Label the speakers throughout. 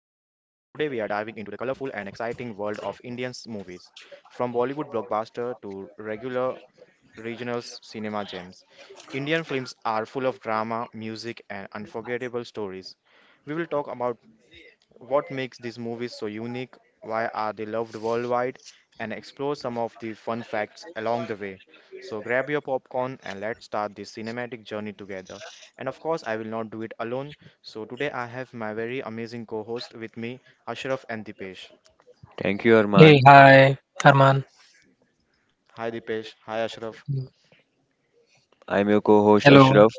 Speaker 1: we are diving into the colorful and exciting world of Indian movies, from Bollywood blockbuster to regular regional s- cinema gems. Indian films are full of drama, music, and unforgettable stories. We will talk about what makes these movies so unique, why are they loved worldwide, and explore some of the fun facts along the way. So grab your popcorn and let's start this cinematic journey together. And of course, I will not do it alone. So today I have my very amazing co-host with me, Ashraf and Dipesh.
Speaker 2: Thank you,
Speaker 3: Hey,
Speaker 2: Arman.
Speaker 3: hi, Arman.
Speaker 1: Hi Dipesh, hi Ashraf.
Speaker 3: Mm,
Speaker 2: I'm your co-host
Speaker 3: Hello.
Speaker 2: Ashraf,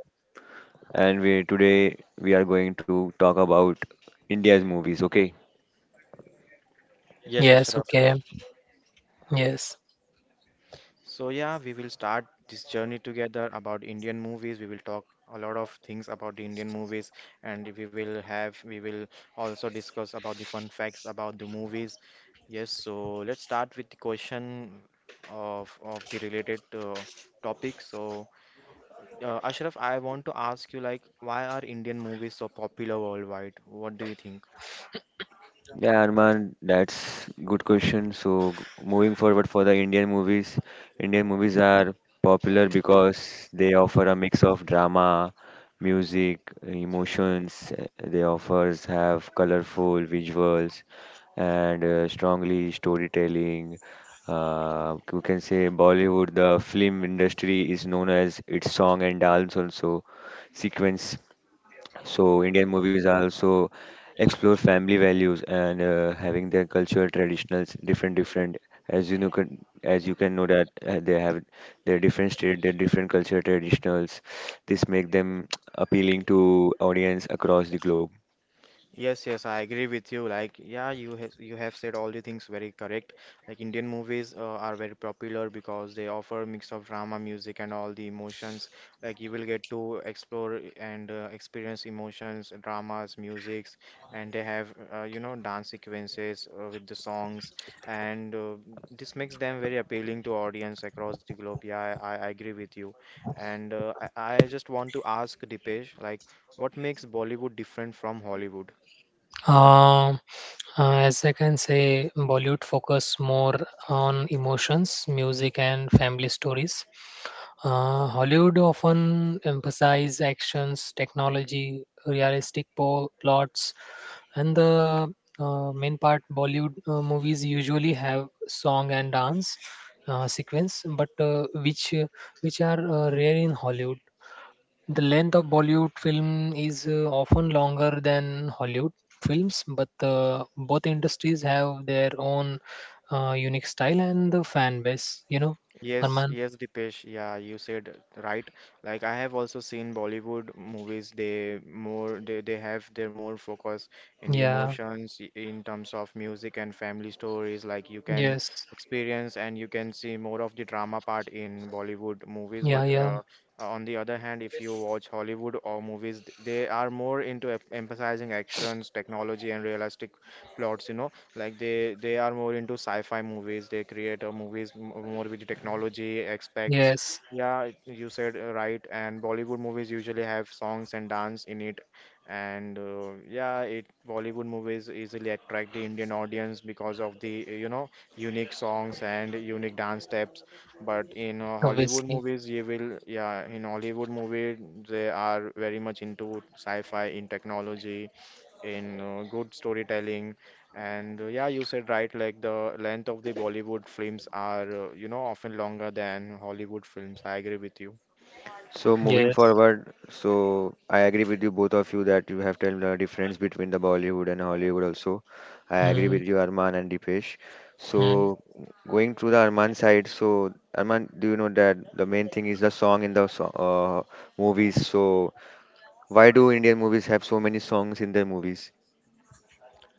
Speaker 2: and we today we are going to talk about India's movies. Okay?
Speaker 1: Yes,
Speaker 3: Yes,
Speaker 1: Ashraf.
Speaker 3: okay. Yes.
Speaker 1: So yeah, we will start this journey together about Indian movies. We will talk a lot of things about the Indian movies and we will also discuss about the fun facts about the movies. Yes, so let's start with the question of the related topic. So Ashraf, I want to ask you like why are Indian movies so popular worldwide? What do you think?
Speaker 2: Yeah, Arman, that's good question. So moving forward for the Indian movies are popular because they offer a mix of drama, music, emotions. They offers have colorful visuals and strongly storytelling. You can say Bollywood, the film industry is known as its song and dance also sequence. So Indian movies are also explore family values and having their cultural traditionals different as as you can know that they have their different state their different cultural traditionals, this make them appealing to audience across the globe.
Speaker 1: Yes, yes, I agree with you. Like, yeah, you have said all the things very correct. Like, Indian movies are very popular because they offer mix of drama, music, and all the emotions. Like, you will get to explore and experience emotions, dramas, musics, and they have you know dance sequences with the songs, and this makes them very appealing to audience across the globe. Yeah, I agree with you. And I just want to ask Dipesh, like, what makes Bollywood different from Hollywood?
Speaker 3: Um, as I can say, Bollywood focus more on emotions, music, and family stories. Hollywood often emphasize actions, technology, realistic plots, and the main part Bollywood movies usually have song and dance sequence, but which are rare in Hollywood. The length of Bollywood film is often longer than Hollywood films, but both industries have their own unique style and the fan base. You know,
Speaker 1: Yes,
Speaker 3: Arman.
Speaker 1: yes, Dipesh. Yeah, you said right. Like I have also seen Bollywood movies. They have their more focus in the
Speaker 3: Yeah.
Speaker 1: emotions in terms of music and family stories. Like you can
Speaker 3: Yes.
Speaker 1: experience and you can see more of the drama part in Bollywood movies.
Speaker 3: Yeah,
Speaker 1: But
Speaker 3: yeah,
Speaker 1: on the other hand, if you watch Hollywood or movies, they are more into emphasizing actions, technology, and realistic plots. You know, like they are more into sci-fi movies. They create movies more with technology aspects.
Speaker 3: yes,
Speaker 1: Yeah, you said right. And Bollywood movies usually have songs and dance in it. And uh, yeah it Bollywood movies easily attract the Indian audience because of the you know unique songs and unique dance steps. But in Hollywood
Speaker 3: obviously,
Speaker 1: movies you will, yeah, in Hollywood movie they are very much into sci-fi in technology, in good storytelling. And yeah, you said right, like the length of the Bollywood films are, you know, often longer than Hollywood films. I agree with you.
Speaker 2: So moving
Speaker 3: yes.
Speaker 2: forward, so I agree with you both of you that you have told the difference between the Bollywood and Hollywood also. I agree
Speaker 3: Mm,
Speaker 2: with you, Arman and Dipesh.
Speaker 3: mm.
Speaker 2: So going to the Arman side, so Arman, do you know that the main thing is the song in the movies? So why do Indian movies have so many songs in their movies?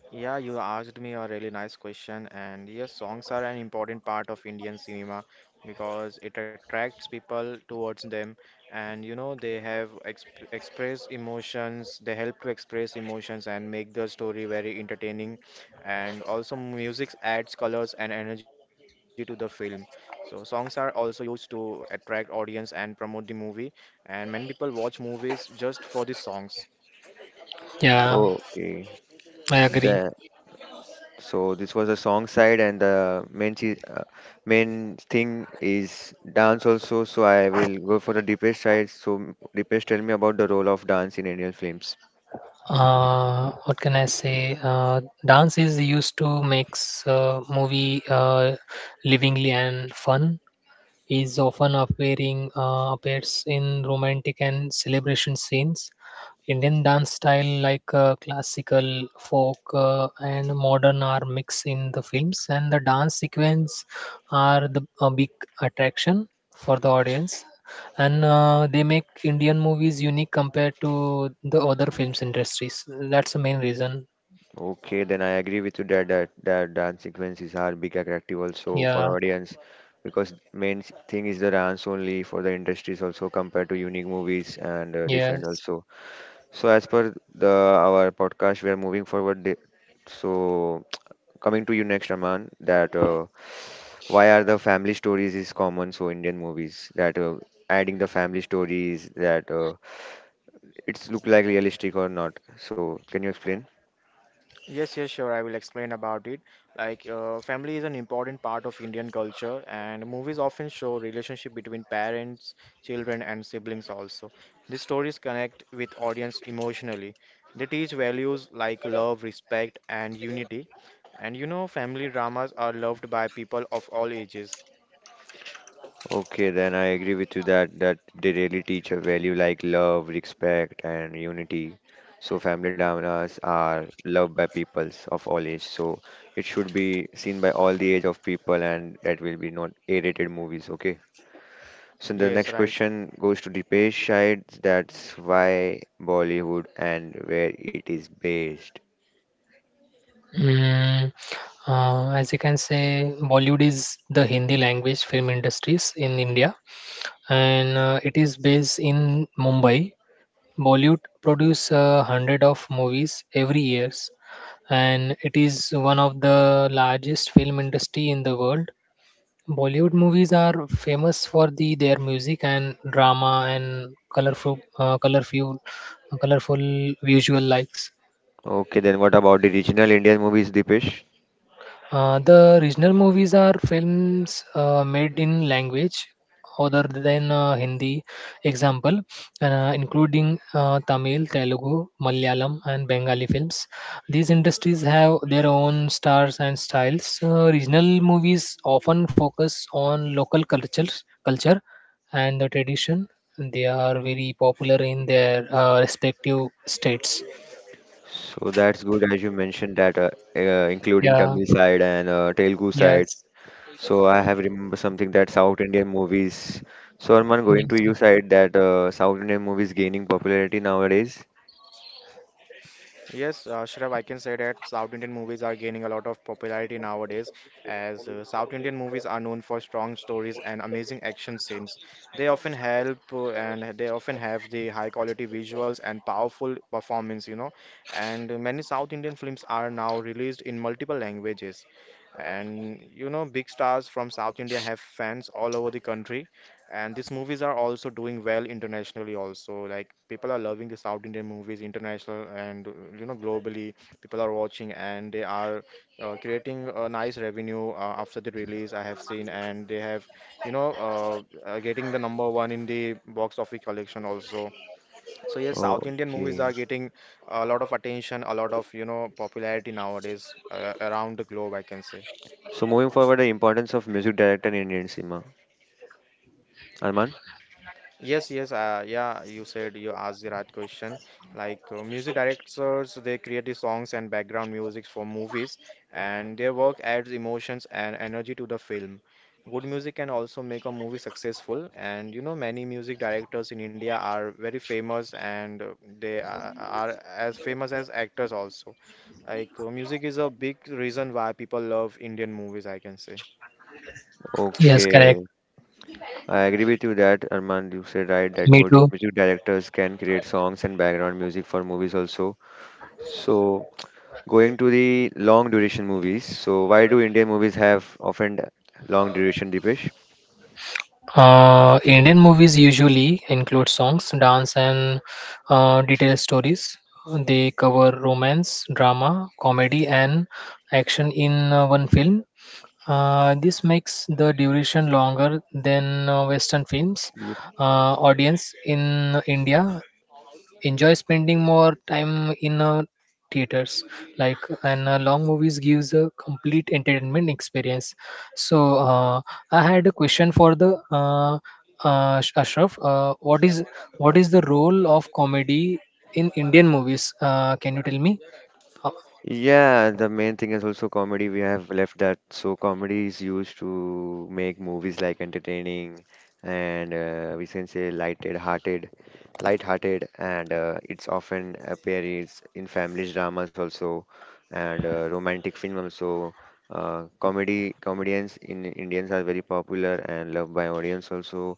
Speaker 1: Yeah, you asked me a really nice question, and yes, songs are an important part of Indian cinema because it attracts people towards them, and you know, they have exp express emotions. They help to express emotions and make the story very entertaining, and also music adds colors and energy to the film. So songs are also used to attract audience and promote the movie, and many people watch movies just for the songs.
Speaker 3: Yeah,
Speaker 2: Okay,
Speaker 3: I agree.
Speaker 2: the So this was the song side, and the main thing is dance also. So I will go for the Deepesh side. So Deepesh, tell me about the role of dance in Indian films.
Speaker 3: What can I say? Dance is used to makes movie livingly and fun. Is often appearing appears in romantic and celebration scenes. Indian dance style like classical, folk, and modern are mixed in the films, and the dance sequence are the a big attraction for the audience, and they make Indian movies unique compared to the other films industries. That's the main reason.
Speaker 2: Okay, then I agree with you that that dance sequences are big attractive also for
Speaker 3: Yeah.
Speaker 2: audience because main thing is the dance only for the industries also compared to unique movies and different
Speaker 3: Yes.
Speaker 2: also. So as per the our podcast, we are moving forward. So coming to you next, Aman, that. Why are the family stories is common so Indian movies that adding the family stories that it's look like realistic or not. So can you explain?
Speaker 1: Yes, yes, sure. I will explain about it. Like, family is an important part of Indian culture, and movies often show relationship between parents, children, and siblings also. These stories connect with audience emotionally. They teach values like love, respect, and unity. And you know, family dramas are loved by people of all ages.
Speaker 2: Okay, then I agree with you that they really teach a value like love, respect, and unity. So family dramas are loved by peoples of all age. So it should be seen by all the age of people, and that will be not A-rated movies. Okay. So the
Speaker 1: Yes,
Speaker 2: next
Speaker 1: right.
Speaker 2: question goes to Deepesh Shahid. That's why Bollywood and where it is based.
Speaker 3: Mm, as you can say, Bollywood is the Hindi language film industries in India, and it is based in Mumbai. Bollywood produce hundred of movies every years, and it is one of the largest film industry in the world. Bollywood movies are famous for the their music and drama and colorful visual likes.
Speaker 2: Okay, then what about the regional Indian movies, Deepesh?
Speaker 3: The regional movies are films made in language other than Hindi, example, including Tamil, Telugu, Malayalam, and Bengali films. These industries have their own stars and styles. Regional movies often focus on culture, and the tradition. They are very popular in their respective states.
Speaker 2: So that's good as you mentioned that including
Speaker 3: Yeah.
Speaker 2: Tamil side and Telugu side.
Speaker 3: Yes.
Speaker 2: So I have remember something that South Indian movies. So Arman, going to
Speaker 3: Yes.
Speaker 2: you side that South Indian movies gaining popularity nowadays.
Speaker 1: Yes, Shrav, I can say that South Indian movies are gaining a lot of popularity nowadays as South Indian movies are known for strong stories and amazing action scenes. They often have the high quality visuals and powerful performance, you know. And many South Indian films are now released in multiple languages. And you know, big stars from South India have fans all over the country. And these movies are also doing well internationally also. Like people are loving the South Indian movies international and you know globally people are watching, and they are creating a nice revenue after the release I have seen, and they have you know getting the number one in the box office collection also. So yes, South Indian movies are
Speaker 2: Okay.
Speaker 1: getting a lot of attention, a lot of you know popularity nowadays around the globe, I can say.
Speaker 2: So moving forward, the importance of music director in Indian cinema. Arman?
Speaker 1: Yes, yes, you said, you asked the right question. Like music directors, they create the songs and background music for movies, and their work adds emotions and energy to the film. Good music can also make a movie successful, and you know, many music directors in India are very famous, and are as famous as actors also. Like music is a big reason why people love Indian movies, I can say.
Speaker 3: Yes. Correct.
Speaker 2: Okay. I agree with you that Arman, you said right that
Speaker 3: Me
Speaker 2: music
Speaker 3: too.
Speaker 2: music directors can create songs and background music for movies also. So going to the long duration movies, so why do Indian movies have often long duration, Dipesh?
Speaker 3: Indian movies usually include songs, dance, and detailed stories. They cover romance, drama, comedy, and action in one film. This makes the duration longer than Western films. Audience in India enjoy spending more time in theaters like and long movies gives a complete entertainment experience. So uh, I had a question for the Ashraf. What is the role of comedy in Indian movies? Can you tell me? Uh,
Speaker 2: Yeah, the main thing is also comedy. We have left that. So comedy is used to make movies like entertaining and we can say light-hearted, and it's often appears in family dramas also and romantic film also. Comedy Comedians in Indians are very popular and loved by audience also.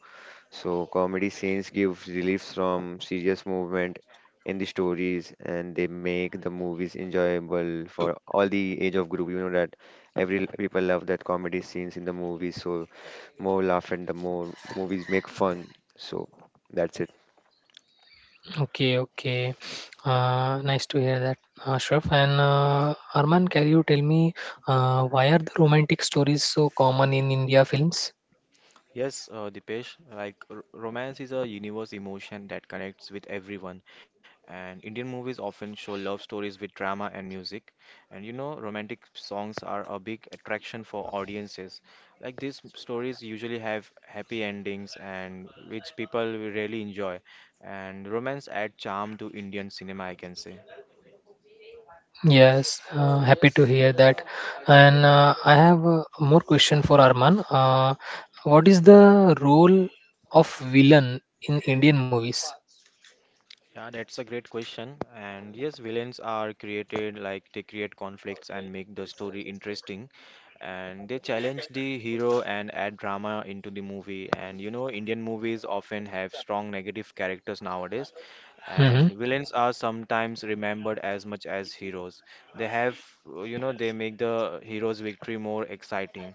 Speaker 2: So comedy scenes give relief from serious movement in the stories and they make the movies enjoyable for all the age of group. You know that every people love that comedy scenes in the movies. So more laugh and the more movies make fun. So that's it.
Speaker 3: okay, okay. Nice to hear that, Ashraf. And Arman, can you tell me why are the romantic stories so common in India films?
Speaker 1: Yes, Dipesh, like r romance is a universe emotion that connects with everyone. And Indian movies often show love stories with drama and music. And you know, romantic songs are a big attraction for audiences. Like these stories usually have happy endings, and which people will really enjoy. And romance add charm to Indian cinema, I can say.
Speaker 3: Yes, happy to hear that. And I have more question for Arman. What is the role of villain in Indian movies?
Speaker 1: Yeah, that's a great question. And yes, villains are created like they create conflicts and make the story interesting, and they challenge the hero and add drama into the movie. And you know, Indian movies often have strong negative characters nowadays,
Speaker 3: Mm-hmm.
Speaker 1: and villains are sometimes remembered as much as heroes. They have, you know, they make the hero's victory more exciting.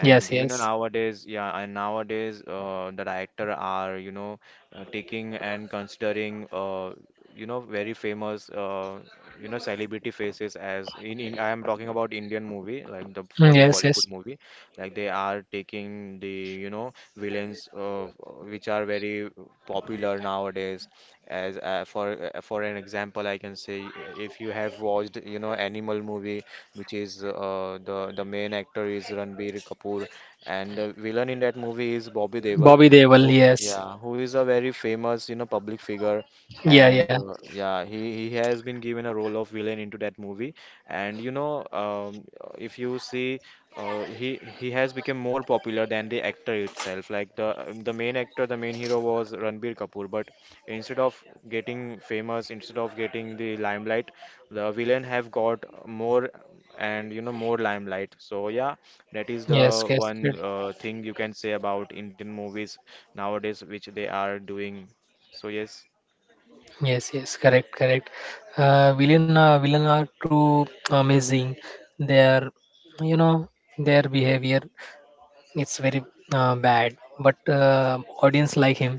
Speaker 3: Yes,
Speaker 1: you know,
Speaker 3: yes.
Speaker 1: nowadays, yeah, and nowadays, the director are, you know, taking and considering, you know, very famous, you know, celebrity faces as in I am talking about Indian movie, like the for
Speaker 3: Mm,
Speaker 1: the
Speaker 3: yes,
Speaker 1: Bollywood
Speaker 3: yes.
Speaker 1: movie, like they are taking the, you know, villains, which are very popular nowadays as for an example I can say, if you have watched you know Animal movie, which is the main actor is Ranbir Kapoor, and the villain in that movie is Bobby Deol,
Speaker 3: Bobby Deol.
Speaker 1: who,
Speaker 3: Yes.
Speaker 1: yeah, who is a very famous you know public figure.
Speaker 3: Yeah, yeah.
Speaker 1: And yeah, he has been given a role of villain into that movie. And you know, if you see, he has become more popular than the actor itself. Like the main actor, the main hero was Ranbir Kapoor, but instead of getting famous, instead of getting the limelight, the villain have got more and you know more limelight. So yeah, that is the
Speaker 3: Yes, yes,
Speaker 1: one
Speaker 3: good.
Speaker 1: thing you can say about Indian movies nowadays which they are doing. So yes.
Speaker 3: Yes, yes. Correct, correct. Villain are too amazing. Their, you know, their behavior. It's very bad, but audience like him.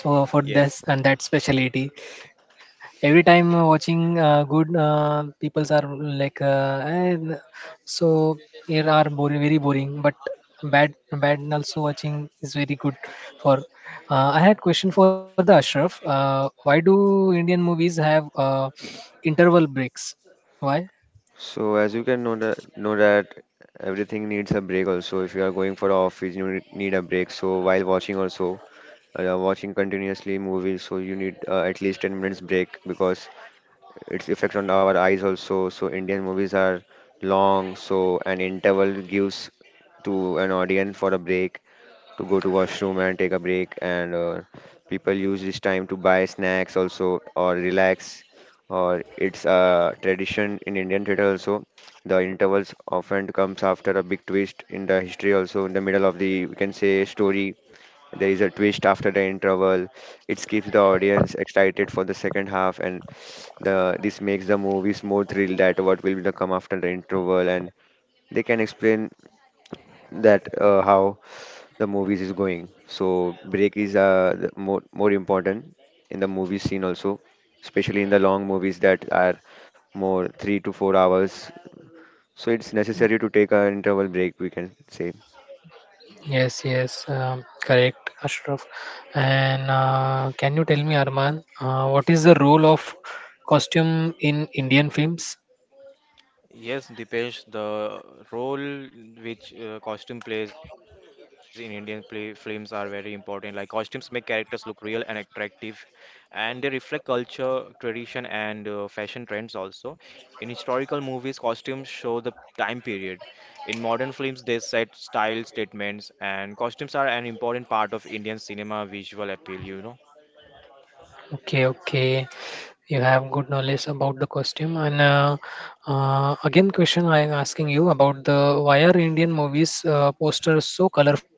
Speaker 3: So for this
Speaker 1: Yes.
Speaker 3: and that specialty, every time watching good peoples are like, "Eh, so here are boring, very boring, but bad bad and also watching is very good for I had question for the Ashraf. Why do Indian movies have interval breaks? Why?
Speaker 2: So as you can know that everything needs a break also. If you are going for office, you need a break. So while watching also watching continuously movies, so you need at least 10 minutes break because its effect on our eyes also. So Indian movies are long, so an interval gives to an audience for a break to go to washroom and take a break, and people use this time to buy snacks also or relax. Or it's a tradition in Indian theater also. The intervals often comes after a big twist in the history also in the middle of the we can say story. There is a twist after the interval. It keeps the audience excited for the second half, and the this makes the movies more thrilled that what will the come after the interval, and they can explain that how the movies is going. So break is the more important in the movie scene also, especially in the long movies that are more 3 to 4 hours. So it's necessary to take an interval break. We can say.
Speaker 3: Yes, yes, correct, Ashraf. And can you tell me, Arman, what is the role of costume in Indian films?
Speaker 1: Yes, Dipesh, the role which costume plays in Indian play films are very important. Like costumes make characters look real and attractive, and they reflect culture, tradition, and fashion trends also. In historical movies, costumes show the time period. In modern films, they set style statements, and costumes are an important part of Indian cinema visual appeal, you know.
Speaker 3: Okay, okay. You have good knowledge about the costume. And again, question I am asking you about the why are Indian movies posters so colorful?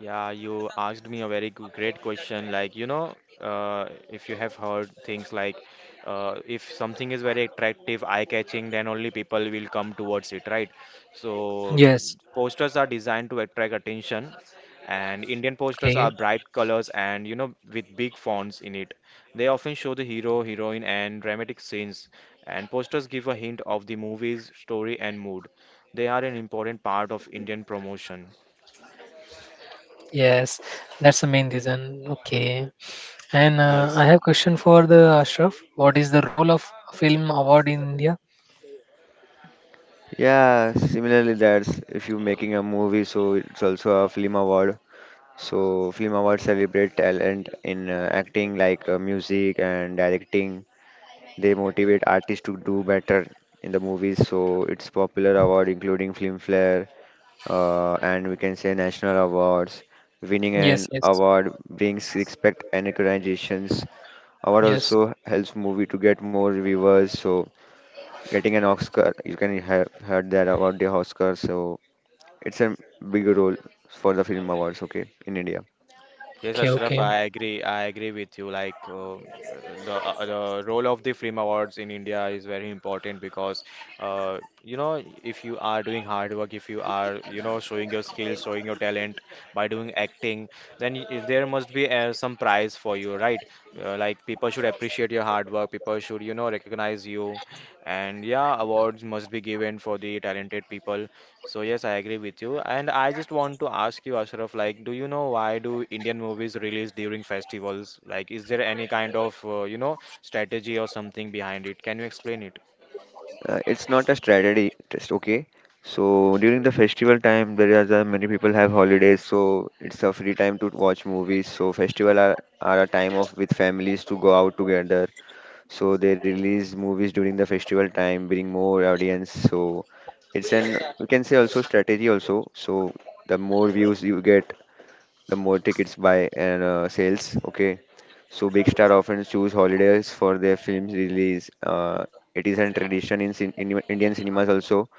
Speaker 1: Yeah, you asked me a very great question. Like, you know, if you have heard things like if something is very attractive, eye-catching, then only people will come towards it, right? So,
Speaker 3: Yes.
Speaker 1: posters are designed to attract attention, and Indian posters
Speaker 3: Okay.
Speaker 1: are bright colors and, you know, with big fonts in it. They often show the hero, heroine, and dramatic scenes, and posters give a hint of the movie's story and mood. They are an important part of Indian promotion.
Speaker 3: Yes, that's the main reason. Okay. And I
Speaker 1: Yes.
Speaker 3: have question for the Ashraf. What is the role of film award in India?
Speaker 2: Yeah, similarly, that's if you're making a movie, so it's also a film award. So, film awards celebrate talent in acting, like music and directing. They motivate artists to do better in the movies. So, it's popular award including Filmfare and we can say national awards. Winning an
Speaker 3: Yes, yes,
Speaker 2: award brings respect and recognitions. Award
Speaker 3: yes.
Speaker 2: also helps movie to get more viewers. So, getting an Oscar, you can have heard that about the Oscar. So, it's a big role for the film awards. Okay, in India.
Speaker 1: Yes,
Speaker 3: Okay,
Speaker 1: Ashraf,
Speaker 3: okay.
Speaker 1: I agree. I agree with you. Like the role of the film awards in India is very important because you know if you are doing hard work, if you are you know showing your skills, showing your talent by doing acting, then there must be some prize for you, right? Like people should appreciate your hard work. People should you know recognize you, and yeah, awards must be given for the talented people. So yes, I agree with you. And I just want to ask you, Ashraf, like, do you know why do Indian movies release during festivals? Like, is there any kind of, you know, strategy or something behind it? Can you explain it?
Speaker 2: It's not a strategy just, okay. So during the festival time there is many people have holidays so it's a free time to watch movies, so festival are a time of with families to go out together, so they release movies during the festival time bring more audience. So it's an we can say also strategy also. So the more views you get, the more tickets buy and sales. Okay, so big star often choose holidays for their films release. It is a tradition in, in Indian cinemas also.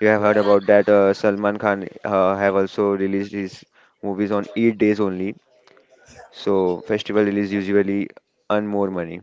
Speaker 2: You have heard about that. Salman Khan have also released his movies on 8 days only. So festival release usually earn more money.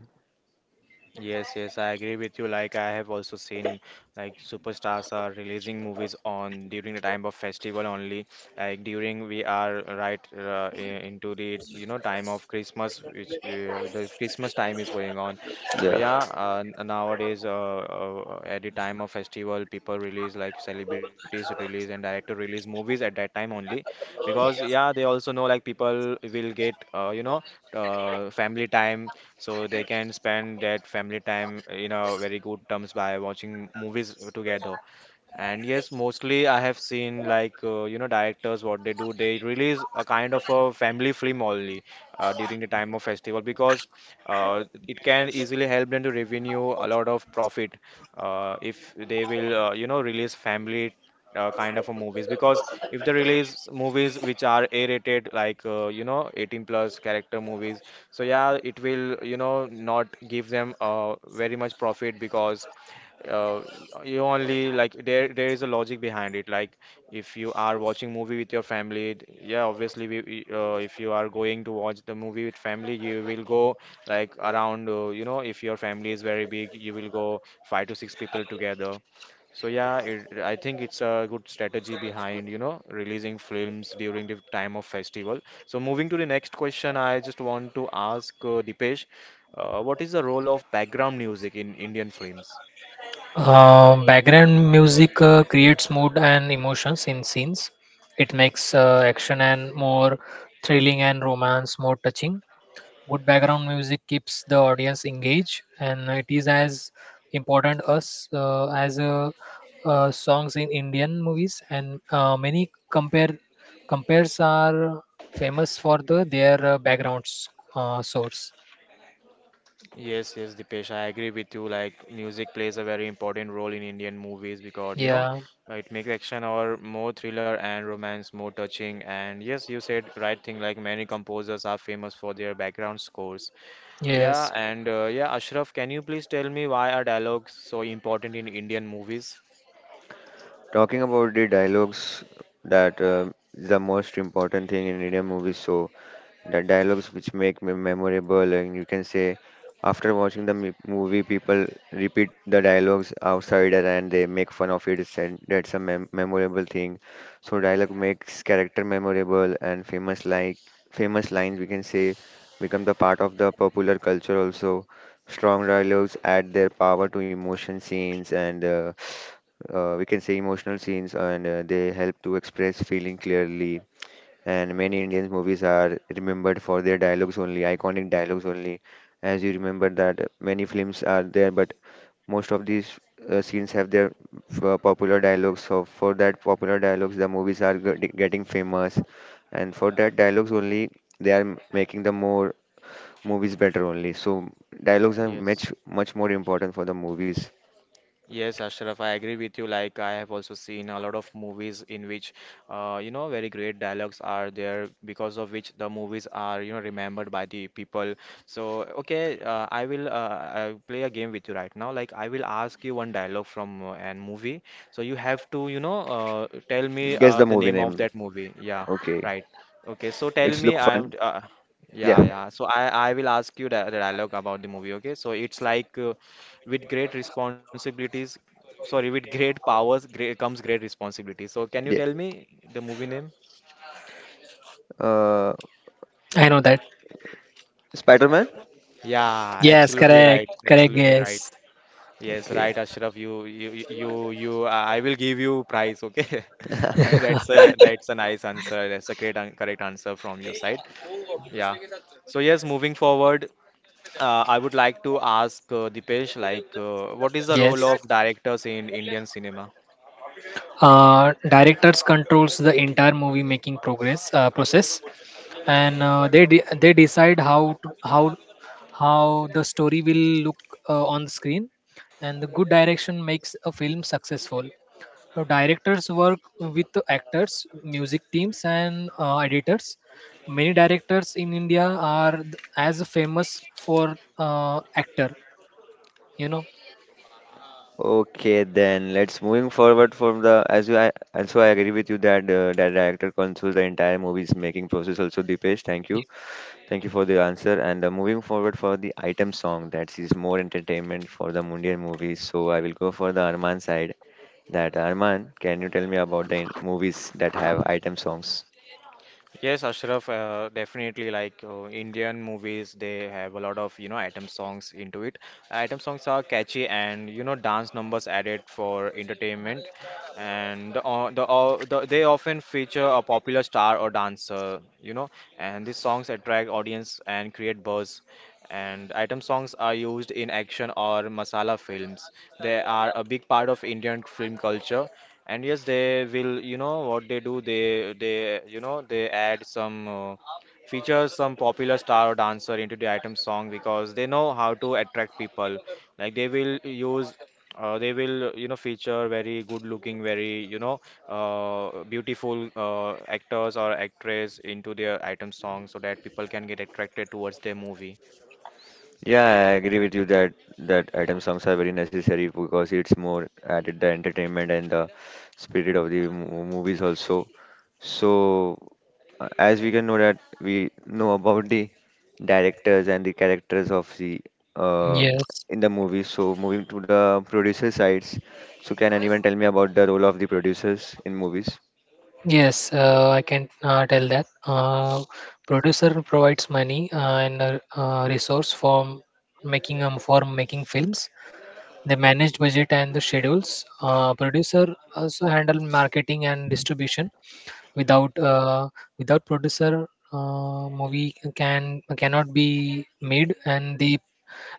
Speaker 1: Yes, yes, I agree with you. Like I have also seen like superstars are releasing movies on during the time of festival only. Like during we are right into the you know time of Christmas, which the Christmas time is going on. So
Speaker 2: Yeah,
Speaker 1: yeah, nowadays at the time of festival, people release like celebrities release and director release movies at that time only, because yeah, they also know like people will get family time, so they can spend that family time in a very good terms by watching movies together. And yes, mostly I have seen like directors, what they do, they release a kind of a family film only during the time of festival, because it can easily help them to revenue a lot of profit if they will release family, kind of a movies, because if they release movies which are A-rated, like 18 plus character movies, so yeah, it will not give them very much profit. Because uh, you only like, there is a logic behind it. Like if you are watching movie with your family, yeah, obviously, if you are going to watch the movie with family, you will go like around, if your family is very big, you will go five to six people together. So yeah, it, I think it's a good strategy behind releasing films during the time of festival. So moving to the next question, I just want to ask Dipesh, what is the role of background music in Indian films?
Speaker 3: Background music creates mood and emotions in scenes. It makes action and more thrilling and romance more touching. Good background music keeps the audience engaged, and it is as important as songs in Indian movies. And many compares are famous for the their backgrounds source.
Speaker 1: Yes, yes, Dipesh, I agree with you. Like, music plays a very important role in Indian movies because,
Speaker 3: Yeah.
Speaker 1: it makes action or more thriller and romance more touching. And yes, you said right thing. Like, many composers are famous for their background scores.
Speaker 3: Yes.
Speaker 1: Yeah, and yeah, Ashraf, can you please tell me why are dialogues so important in Indian movies?
Speaker 2: talking about the dialogues that is the most important thing in Indian movies. So the dialogues which make me memorable and you can say after watching the movie people repeat the dialogues outside and they make fun of and that's a memorable thing. So dialogue makes character memorable and famous, like famous lines, we can say, become the part of the popular culture also. Strong dialogues add their power to emotion scenes and we can say emotional scenes, and they help to express feeling clearly, and many Indian movies are remembered for their dialogues only, iconic dialogues only. As you remember that many films are there, but most of these scenes have their popular dialogues. So for that popular dialogues, the movies are getting famous, and for that dialogues only, they are making the more movies better only. So dialogues are
Speaker 1: Yes.
Speaker 2: much much more important for the movies.
Speaker 1: Yes, Ashraf, I agree with you. Like, I have also seen a lot of movies in which, very great dialogues are there, because of which the movies are, remembered by the people. So, okay, I will play a game with you right now. Like, I will ask you one dialogue from an movie. So, you have to, tell me
Speaker 2: Guess the
Speaker 1: the
Speaker 2: movie
Speaker 1: name of
Speaker 2: name.
Speaker 1: that movie. Yeah,
Speaker 2: Okay,
Speaker 1: right. Okay, so tell
Speaker 2: it's
Speaker 1: me,
Speaker 2: look
Speaker 1: I'm.
Speaker 2: fun.
Speaker 1: Yeah,
Speaker 2: Yeah,
Speaker 1: yeah. So I will ask you the dialogue about the movie, okay? So it's like with great responsibilities. Sorry, with great powers great comes great responsibility. So can you
Speaker 2: yeah.
Speaker 1: tell me the movie name?
Speaker 2: Uh,
Speaker 3: I know that.
Speaker 2: Spider-Man.
Speaker 1: Yeah,
Speaker 3: Yes.
Speaker 1: absolutely
Speaker 3: Correct.
Speaker 1: right.
Speaker 3: Correct.
Speaker 1: Absolutely right.
Speaker 3: Yes.
Speaker 1: Yes,
Speaker 2: Okay.
Speaker 1: right, Ashraf. I will give you prize. Okay, that's a nice answer. That's a great, correct answer from your side. Yeah. So yes, moving forward, I would like to ask Dipesh, like, what is the role
Speaker 3: Yes.
Speaker 1: of directors in Indian cinema?
Speaker 3: Directors controls the entire movie making progress process, and they decide how to, how how the story will look on the screen, and the good direction makes a film successful. So directors work with the actors, music teams, and editors. Many directors in India are as famous for actor, you know.
Speaker 2: Okay, then let's moving forward from the as you I agree with you that that director controls the entire movie's making process. Also, Dipesh, thank you for the answer. And moving forward for the item song, that is more entertainment for the Mundial movies. So I will go for the Arman side. That Arman, can you tell me about the movies that have item songs?
Speaker 1: Yes, Ashraf, definitely, like Indian movies, they have a lot of, item songs into it. Item songs are catchy and, dance numbers added for entertainment. And they often feature a popular star or dancer, and these songs attract audience and create buzz. And item songs are used in action or masala films. They are a big part of Indian film culture, and yes, they will what they do, they they add some features some popular star or dancer into the item song, because they know how to attract people. Like they will use they will feature very good looking, very beautiful actors or actress into their item song, so that people can get attracted towards their movie.
Speaker 2: Yeah, I agree with you that that item songs are very necessary because it's more added the entertainment and the spirit of the movies also. So, as we can know that we know about the directors and the characters of the uh,
Speaker 3: Yes.
Speaker 2: in the movie. So, moving to the producer sides, so can anyone tell me about the role of the producers in movies?
Speaker 3: Yes, I can tell that. Producer provides money and a resource for making films. They manage budget and the schedules. Producer also handle marketing and distribution. Without uh, Without producer, movie can cannot be made, and they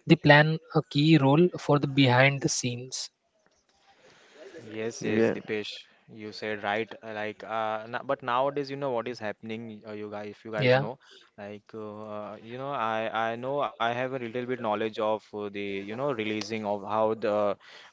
Speaker 3: they plan a key role for the behind the scenes.
Speaker 1: Yes, yes,
Speaker 2: Yeah,
Speaker 1: Dipesh, you said right. Like, but nowadays, you know what is happening. You guys, if you guys
Speaker 3: Yeah,
Speaker 1: know, like, I know, I have a little bit knowledge of the releasing of how the,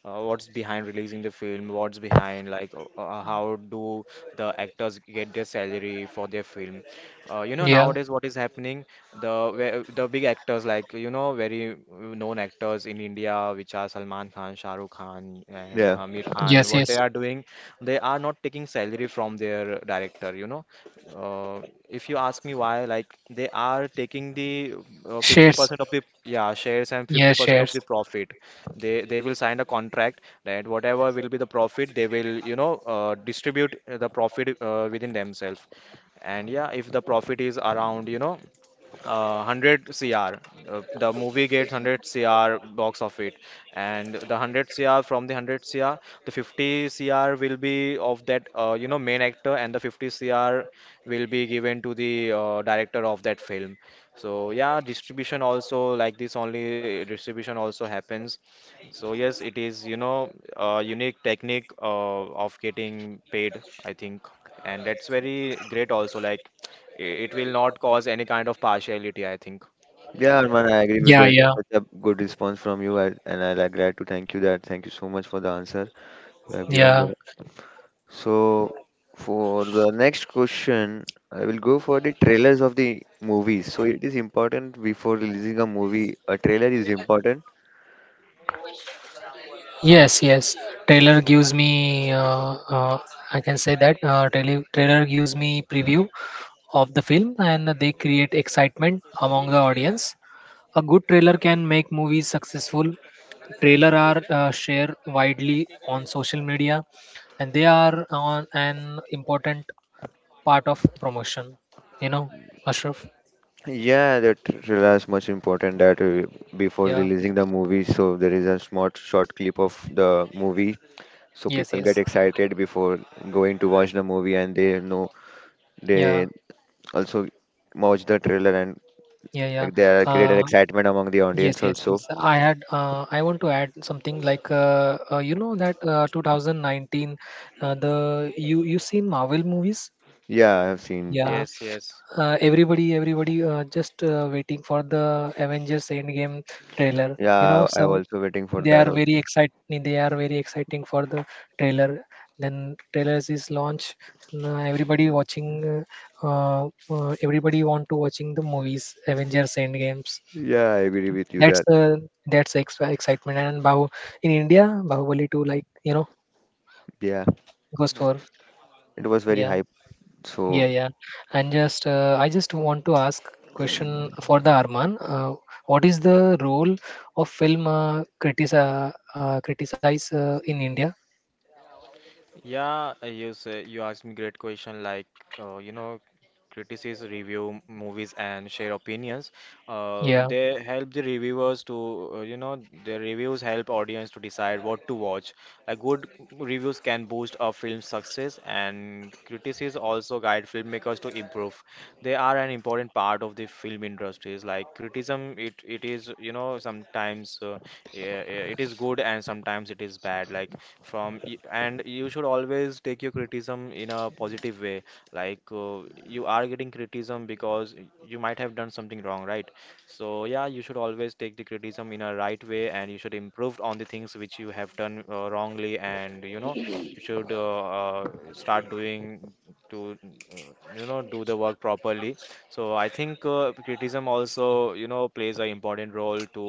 Speaker 1: what's behind releasing the film, what's behind, like, how do the actors get their salary for their film. You know
Speaker 3: yeah,
Speaker 1: nowadays what is happening? The the big actors, like, you know, very known actors in India, which are Salman Khan, Shah Rukh Khan and
Speaker 2: yeah,
Speaker 1: Amir Khan,
Speaker 3: yes,
Speaker 1: what they
Speaker 3: yes.
Speaker 1: are doing, they are not taking salary from their director, you know. Uh, if you ask me why, like, they are taking the
Speaker 3: Shares.
Speaker 1: 50% of the yeah shares and
Speaker 3: Yes,
Speaker 1: 50% of
Speaker 3: shares.
Speaker 1: the profit. They will sign a contract that whatever will be the profit, they will distribute the profit within themselves. And yeah, if the profit is around, 100 CR. The movie gets 100 CR box of it, and the 100 CR from the 100 CR, the 50 CR will be of that main actor, and the 50 CR will be given to the director of that film. So yeah, distribution also like this only, distribution also happens. So yes, it is, you know, a unique technique of getting paid, I think. And that's very great also, like, it will not cause any kind of partiality, I think.
Speaker 2: yeah, Arman, I agree with
Speaker 3: Yeah,
Speaker 2: that.
Speaker 3: yeah,
Speaker 2: Such a good response from you, and I like glad to thank you that. Thank you so much for the answer. We have given
Speaker 3: yeah.
Speaker 2: the. So for the next question, I will go for the trailers of the movies. So it is important before releasing a movie, a trailer is important.
Speaker 3: Yes, yes. Trailer gives me, I can say that trailer gives me preview of the film and they create excitement among the audience. A good trailer can make movies successful. Trailer are shared widely on social media and they are on an important part of promotion. You know, Ashraf?
Speaker 2: Yeah, the trailer is much important that before
Speaker 3: Yeah.
Speaker 2: releasing the movie, so there is a small short clip of the movie, so
Speaker 3: Yes,
Speaker 2: people get
Speaker 3: yes.
Speaker 2: excited before going to watch the movie, and they know
Speaker 3: Yeah.
Speaker 2: they also watch the trailer, and
Speaker 3: Yeah, yeah.
Speaker 2: there are created
Speaker 3: Uh,
Speaker 2: excitement among the
Speaker 3: Yes,
Speaker 2: audience
Speaker 3: yes,
Speaker 2: also.
Speaker 3: yes. I had. I want to add something like you know that 2019, the you seen Marvel movies?
Speaker 2: Yeah, I have seen.
Speaker 3: Yeah,
Speaker 1: Yes, yes.
Speaker 3: everybody everybody just waiting for the Avengers Endgame trailer. You know,
Speaker 2: Yeah, I
Speaker 3: some
Speaker 2: also waiting for
Speaker 3: they
Speaker 2: that
Speaker 3: are very
Speaker 2: also.
Speaker 3: exciting. They are very exciting for the trailer. Then trailers is launch. Now everybody watching. Everybody want to watching the movies Avengers Endgames.
Speaker 2: Yeah, I agree with you
Speaker 3: That's
Speaker 2: that
Speaker 3: the extra excitement. And Bahu in India, Bahubali 2, like, you know,
Speaker 2: yeah,
Speaker 3: goes for
Speaker 2: it was very
Speaker 3: yeah.
Speaker 2: hype.
Speaker 3: Yeah,
Speaker 2: So
Speaker 3: yeah. And just I just want to ask question for the Arman. What is the role of film critica criticize in India?
Speaker 1: Yeah, you say you asked me great question like, uh, you know critics review movies and share opinions. Uh,
Speaker 3: Yeah.
Speaker 1: they help the reviewers to, their reviews help audience to decide what to watch. A good reviews can boost a film's success, and critics also guide filmmakers to improve. They are an important part of the film industries. Like criticism, it is, you know, sometimes, yeah, yeah, it is good and sometimes it is bad. Like, and you should always take your criticism in a positive way, like you are getting criticism, because you might have done something wrong, right? So yeah, you should always take the criticism in a right way, and you should improve on the things which you have done wrongly, and you should start doing to, uh, do the work properly. So I think criticism also, plays an important role to,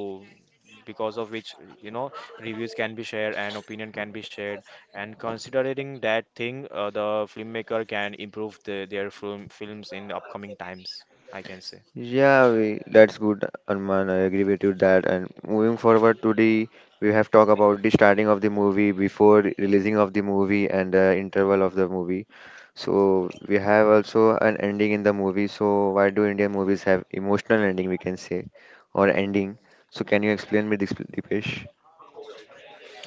Speaker 1: because of which, you know reviews can be shared and opinion can be shared. And considering that thing, the filmmaker can improve the, their film films in the upcoming times, I can say.
Speaker 2: yeah, we that's good, Arman. I agree with you that. And moving forward to the we have talked about the starting of the movie before releasing of the movie and the interval of the movie. So we have also an ending in the movie. So why do Indian movies have emotional ending we can say or ending? So can you explain me this, Dipesh?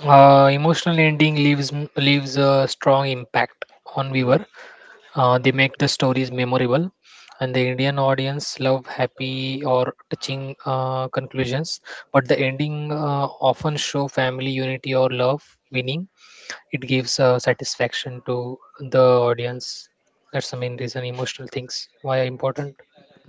Speaker 3: Emotional ending leaves a strong impact on viewer. They make the stories memorable, and the Indian audience love happy or touching conclusions. But the ending often show family unity or love winning. It gives satisfaction to the audience. That's the main reason emotional things why are important.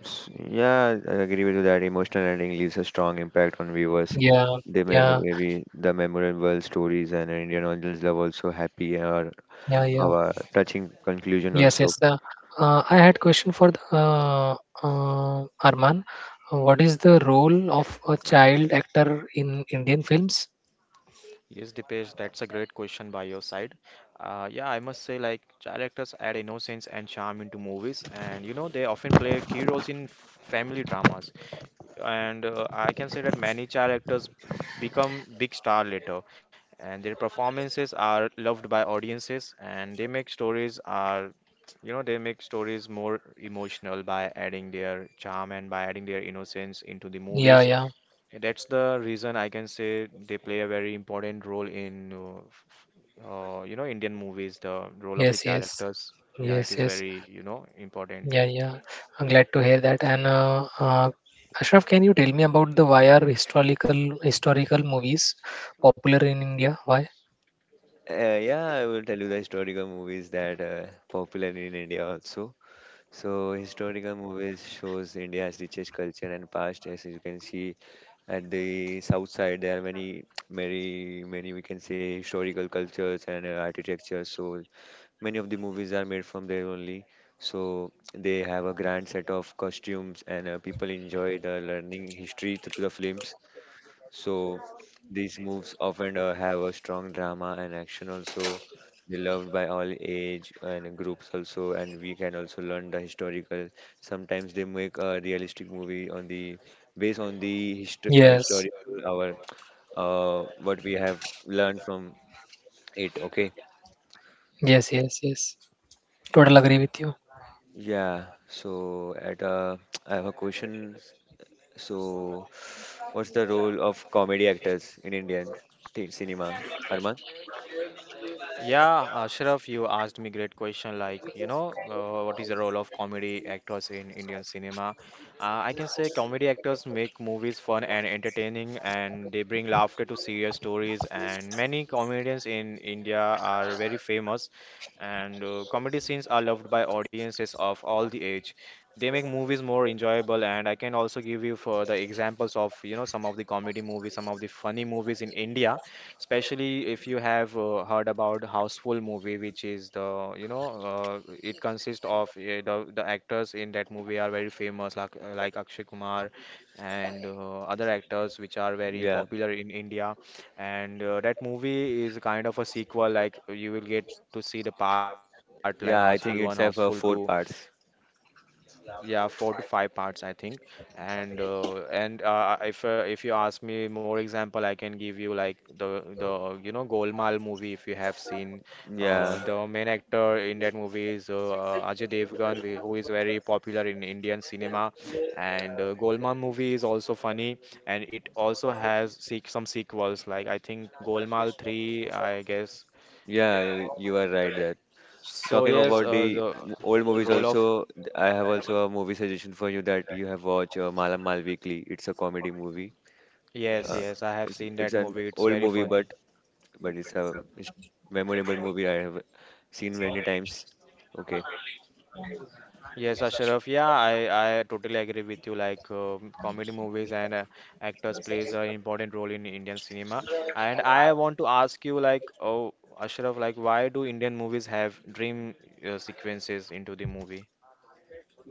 Speaker 2: Yeah, I agree with you that emotional ending leaves a strong impact on viewers.
Speaker 3: Yeah,
Speaker 2: They
Speaker 3: yeah,
Speaker 2: maybe the memorable stories and Indian audience love also happy or
Speaker 3: yeah, yeah.
Speaker 2: have a touching conclusion
Speaker 3: Yes,
Speaker 2: also.
Speaker 3: yes. I had question for the, Arman. What is the role of a child actor in Indian films?
Speaker 1: Yes, Dipesh, that's a great question by your side. Yeah, I must say like child actors add innocence and charm into movies, and they often play key roles in family dramas. And I can say that many child actors become big star later, and their performances are loved by audiences, and they make stories are, they make stories more emotional by adding their charm and by adding their innocence into the
Speaker 3: Yeah,
Speaker 1: movies.
Speaker 3: yeah.
Speaker 1: That's the reason I can say they play a very important role in, Indian movies. The role of the
Speaker 3: Yes,
Speaker 1: child
Speaker 3: yes,
Speaker 1: actors, yeah, it
Speaker 3: yes,
Speaker 1: is
Speaker 3: yes.
Speaker 1: very, you know, important.
Speaker 3: Yeah, yeah. I'm glad to hear that. And Ashraf, can you tell me about the why are historical movies popular in India? Why?
Speaker 2: Yeah, I will tell you the historical movies that popular in India also. So historical movies shows India's richest culture and past. As you can see at the south side, there are many, many, many we can say historical cultures and architecture. So many of the movies are made from there only. So they have a grand set of costumes and people enjoy the learning history through the films. So these movies often have a strong drama and action also. They loved by all age and groups also, and we can also learn the historical. Sometimes they make a realistic movie on the based on the
Speaker 3: Yes,
Speaker 2: historical our what we have learned from it. Okay.
Speaker 3: yes, yes, yes. Total agree with you.
Speaker 2: Yeah, so at I have a question. So, what's the role of comedy actors in Indian cinema, Arman?
Speaker 1: Yeah, Ashraf, you asked me great question like, what is the role of comedy actors in Indian cinema? I can say comedy actors make movies fun and entertaining, and they bring laughter to serious stories, and many comedians in India are very famous. And comedy scenes are loved by audiences of all the age. They make movies more enjoyable, and I can also give you for the examples of, some of the comedy movies, some of the funny movies in India, especially if you have heard about Houseful movie, which is the, it consists of the actors in that movie are very famous, like Akshay Kumar and other actors which are very
Speaker 2: Yeah,
Speaker 1: popular in India, and that movie is kind of a sequel. Like you will get to see the part like Houseful One,
Speaker 2: yeah, I
Speaker 1: Houseful
Speaker 2: think it's
Speaker 1: Two.
Speaker 2: have four parts.
Speaker 1: Yeah, four to five parts, I think. And if you ask me more example, I can give you like the Golmaal movie, if you have seen. Uh,
Speaker 2: Yeah,
Speaker 1: the main actor in that movie is Ajay Devgan, who is very popular in Indian cinema. And Golmaal movie is also funny, and it also has seek some sequels like, I think, Golmaal 3, I guess.
Speaker 2: yeah, you are right that.
Speaker 1: So
Speaker 2: Talking
Speaker 1: yes,
Speaker 2: about the
Speaker 1: the
Speaker 2: old movies,
Speaker 1: role of.
Speaker 2: also, I have also a movie suggestion for you that you have watched Mala Mal Weekly. It's a comedy movie.
Speaker 1: Yes,
Speaker 2: Uh,
Speaker 1: yes, I have
Speaker 2: it's,
Speaker 1: seen
Speaker 2: it's
Speaker 1: that
Speaker 2: an
Speaker 1: movie. It's
Speaker 2: old
Speaker 1: very
Speaker 2: movie, but
Speaker 1: funny.
Speaker 2: it's a it's memorable movie I have seen many times. Okay.
Speaker 1: Yes, Ashraf. Yeah, I totally agree with you. Like comedy movies and actors plays an important role in Indian cinema. And I want to ask you, like, oh, Ashraf, like, why do Indian movies have dream sequences into the movie?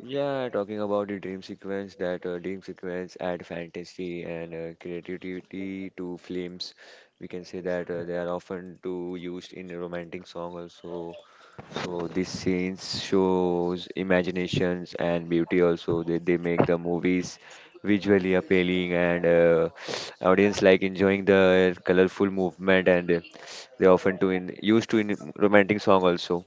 Speaker 2: Yeah, talking about the dream sequence, that dream sequence add fantasy and creativity to films. We can say that they are often too used in romantic song also. So these scenes shows imaginations and beauty also. They make the movies visually appealing and audience like enjoying the colorful movement, and they often to in used to in romantic song also.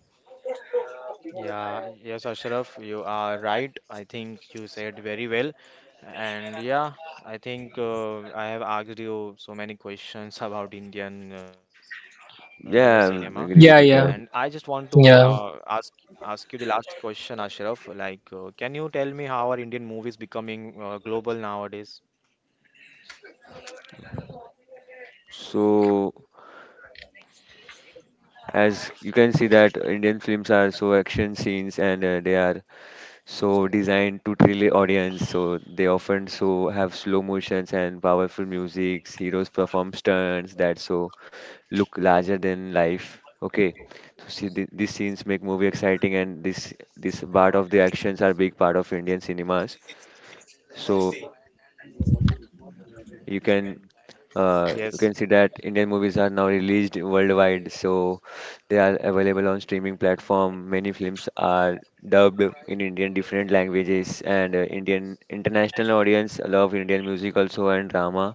Speaker 1: Yeah, yes, Ashraf, you are right. I think you said very well. And yeah, I think I have asked you so many questions about Indian, cinema.
Speaker 2: Yeah,
Speaker 1: And
Speaker 2: I
Speaker 1: I just
Speaker 2: agree
Speaker 3: Yeah,
Speaker 2: with
Speaker 1: want
Speaker 2: you
Speaker 1: to
Speaker 3: yeah,
Speaker 2: that.
Speaker 3: yeah,
Speaker 1: ask you the last question, Ashraf. Like, can you tell me how are Indian movies becoming global nowadays?
Speaker 2: So, as you can see that Indian films are so action scenes and they are so designed to thrill the audience. So they often so have slow motions and powerful music. Heroes perform stunts that so look larger than life. Okay, so see these scenes make movie exciting and this part of the actions are big part of Indian cinemas. So you can you
Speaker 1: Yes.
Speaker 2: can see that Indian movies are now released worldwide, so they are available on streaming platform. Many films are dubbed in Indian different languages, and Indian international audience love Indian music also and drama.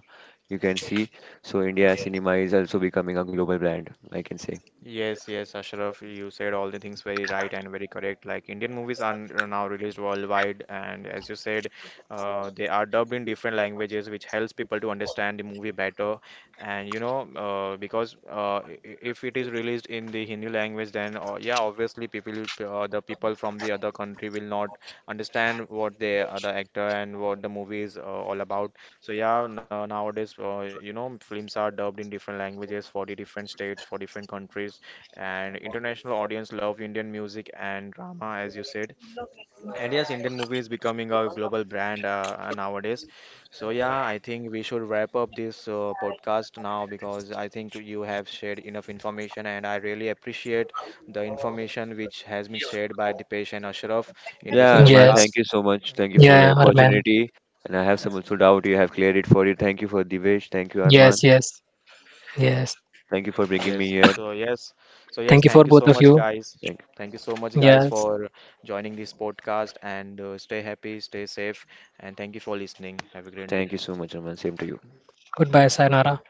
Speaker 2: You can see, so India cinema is also becoming a global brand. I can say,
Speaker 1: Yes, yes, Ashraf, you said all the things very right and very correct. Like Indian movies are are now released worldwide, and as you said, they are dubbed in different languages, which helps people to understand the movie better. And you know, because if it is released in the Hindi language, then yeah, obviously people, the people from the other country will not understand what they, the actor and what the movie is all about. So yeah, no, nowadays, films are dubbed in different languages for the different states, for different countries, and international audience love Indian music and drama, as you said. And yes, Indian movie is becoming a global brand nowadays. So yeah, I think we should wrap up this podcast now, because I think you have shared enough information, and I really appreciate the information which has been shared by Dipesh and Ashraf in this
Speaker 2: yeah, Arman,
Speaker 3: yeah,
Speaker 2: thank
Speaker 1: podcast.
Speaker 2: you so much. Thank you for the
Speaker 3: yeah, Arman.
Speaker 2: opportunity, and I have some also doubt you have cleared it for you. Thank you for Divesh. Thank you,
Speaker 3: Yes,
Speaker 2: Arman.
Speaker 3: yes, yes.
Speaker 2: Thank you for bringing me
Speaker 1: Yes.
Speaker 2: here.
Speaker 1: So yes. So yes,
Speaker 3: Thank you for
Speaker 1: thank you
Speaker 3: both
Speaker 1: so
Speaker 3: of
Speaker 1: much,
Speaker 3: you.
Speaker 1: guys.
Speaker 2: Thank,
Speaker 1: Thank you so much, guys,
Speaker 3: Yes.
Speaker 1: for joining this podcast and stay happy, stay safe, and thank you for listening. Have a great day.
Speaker 2: thank you so much, Arman. Same to you.
Speaker 3: Goodbye, Sayonara.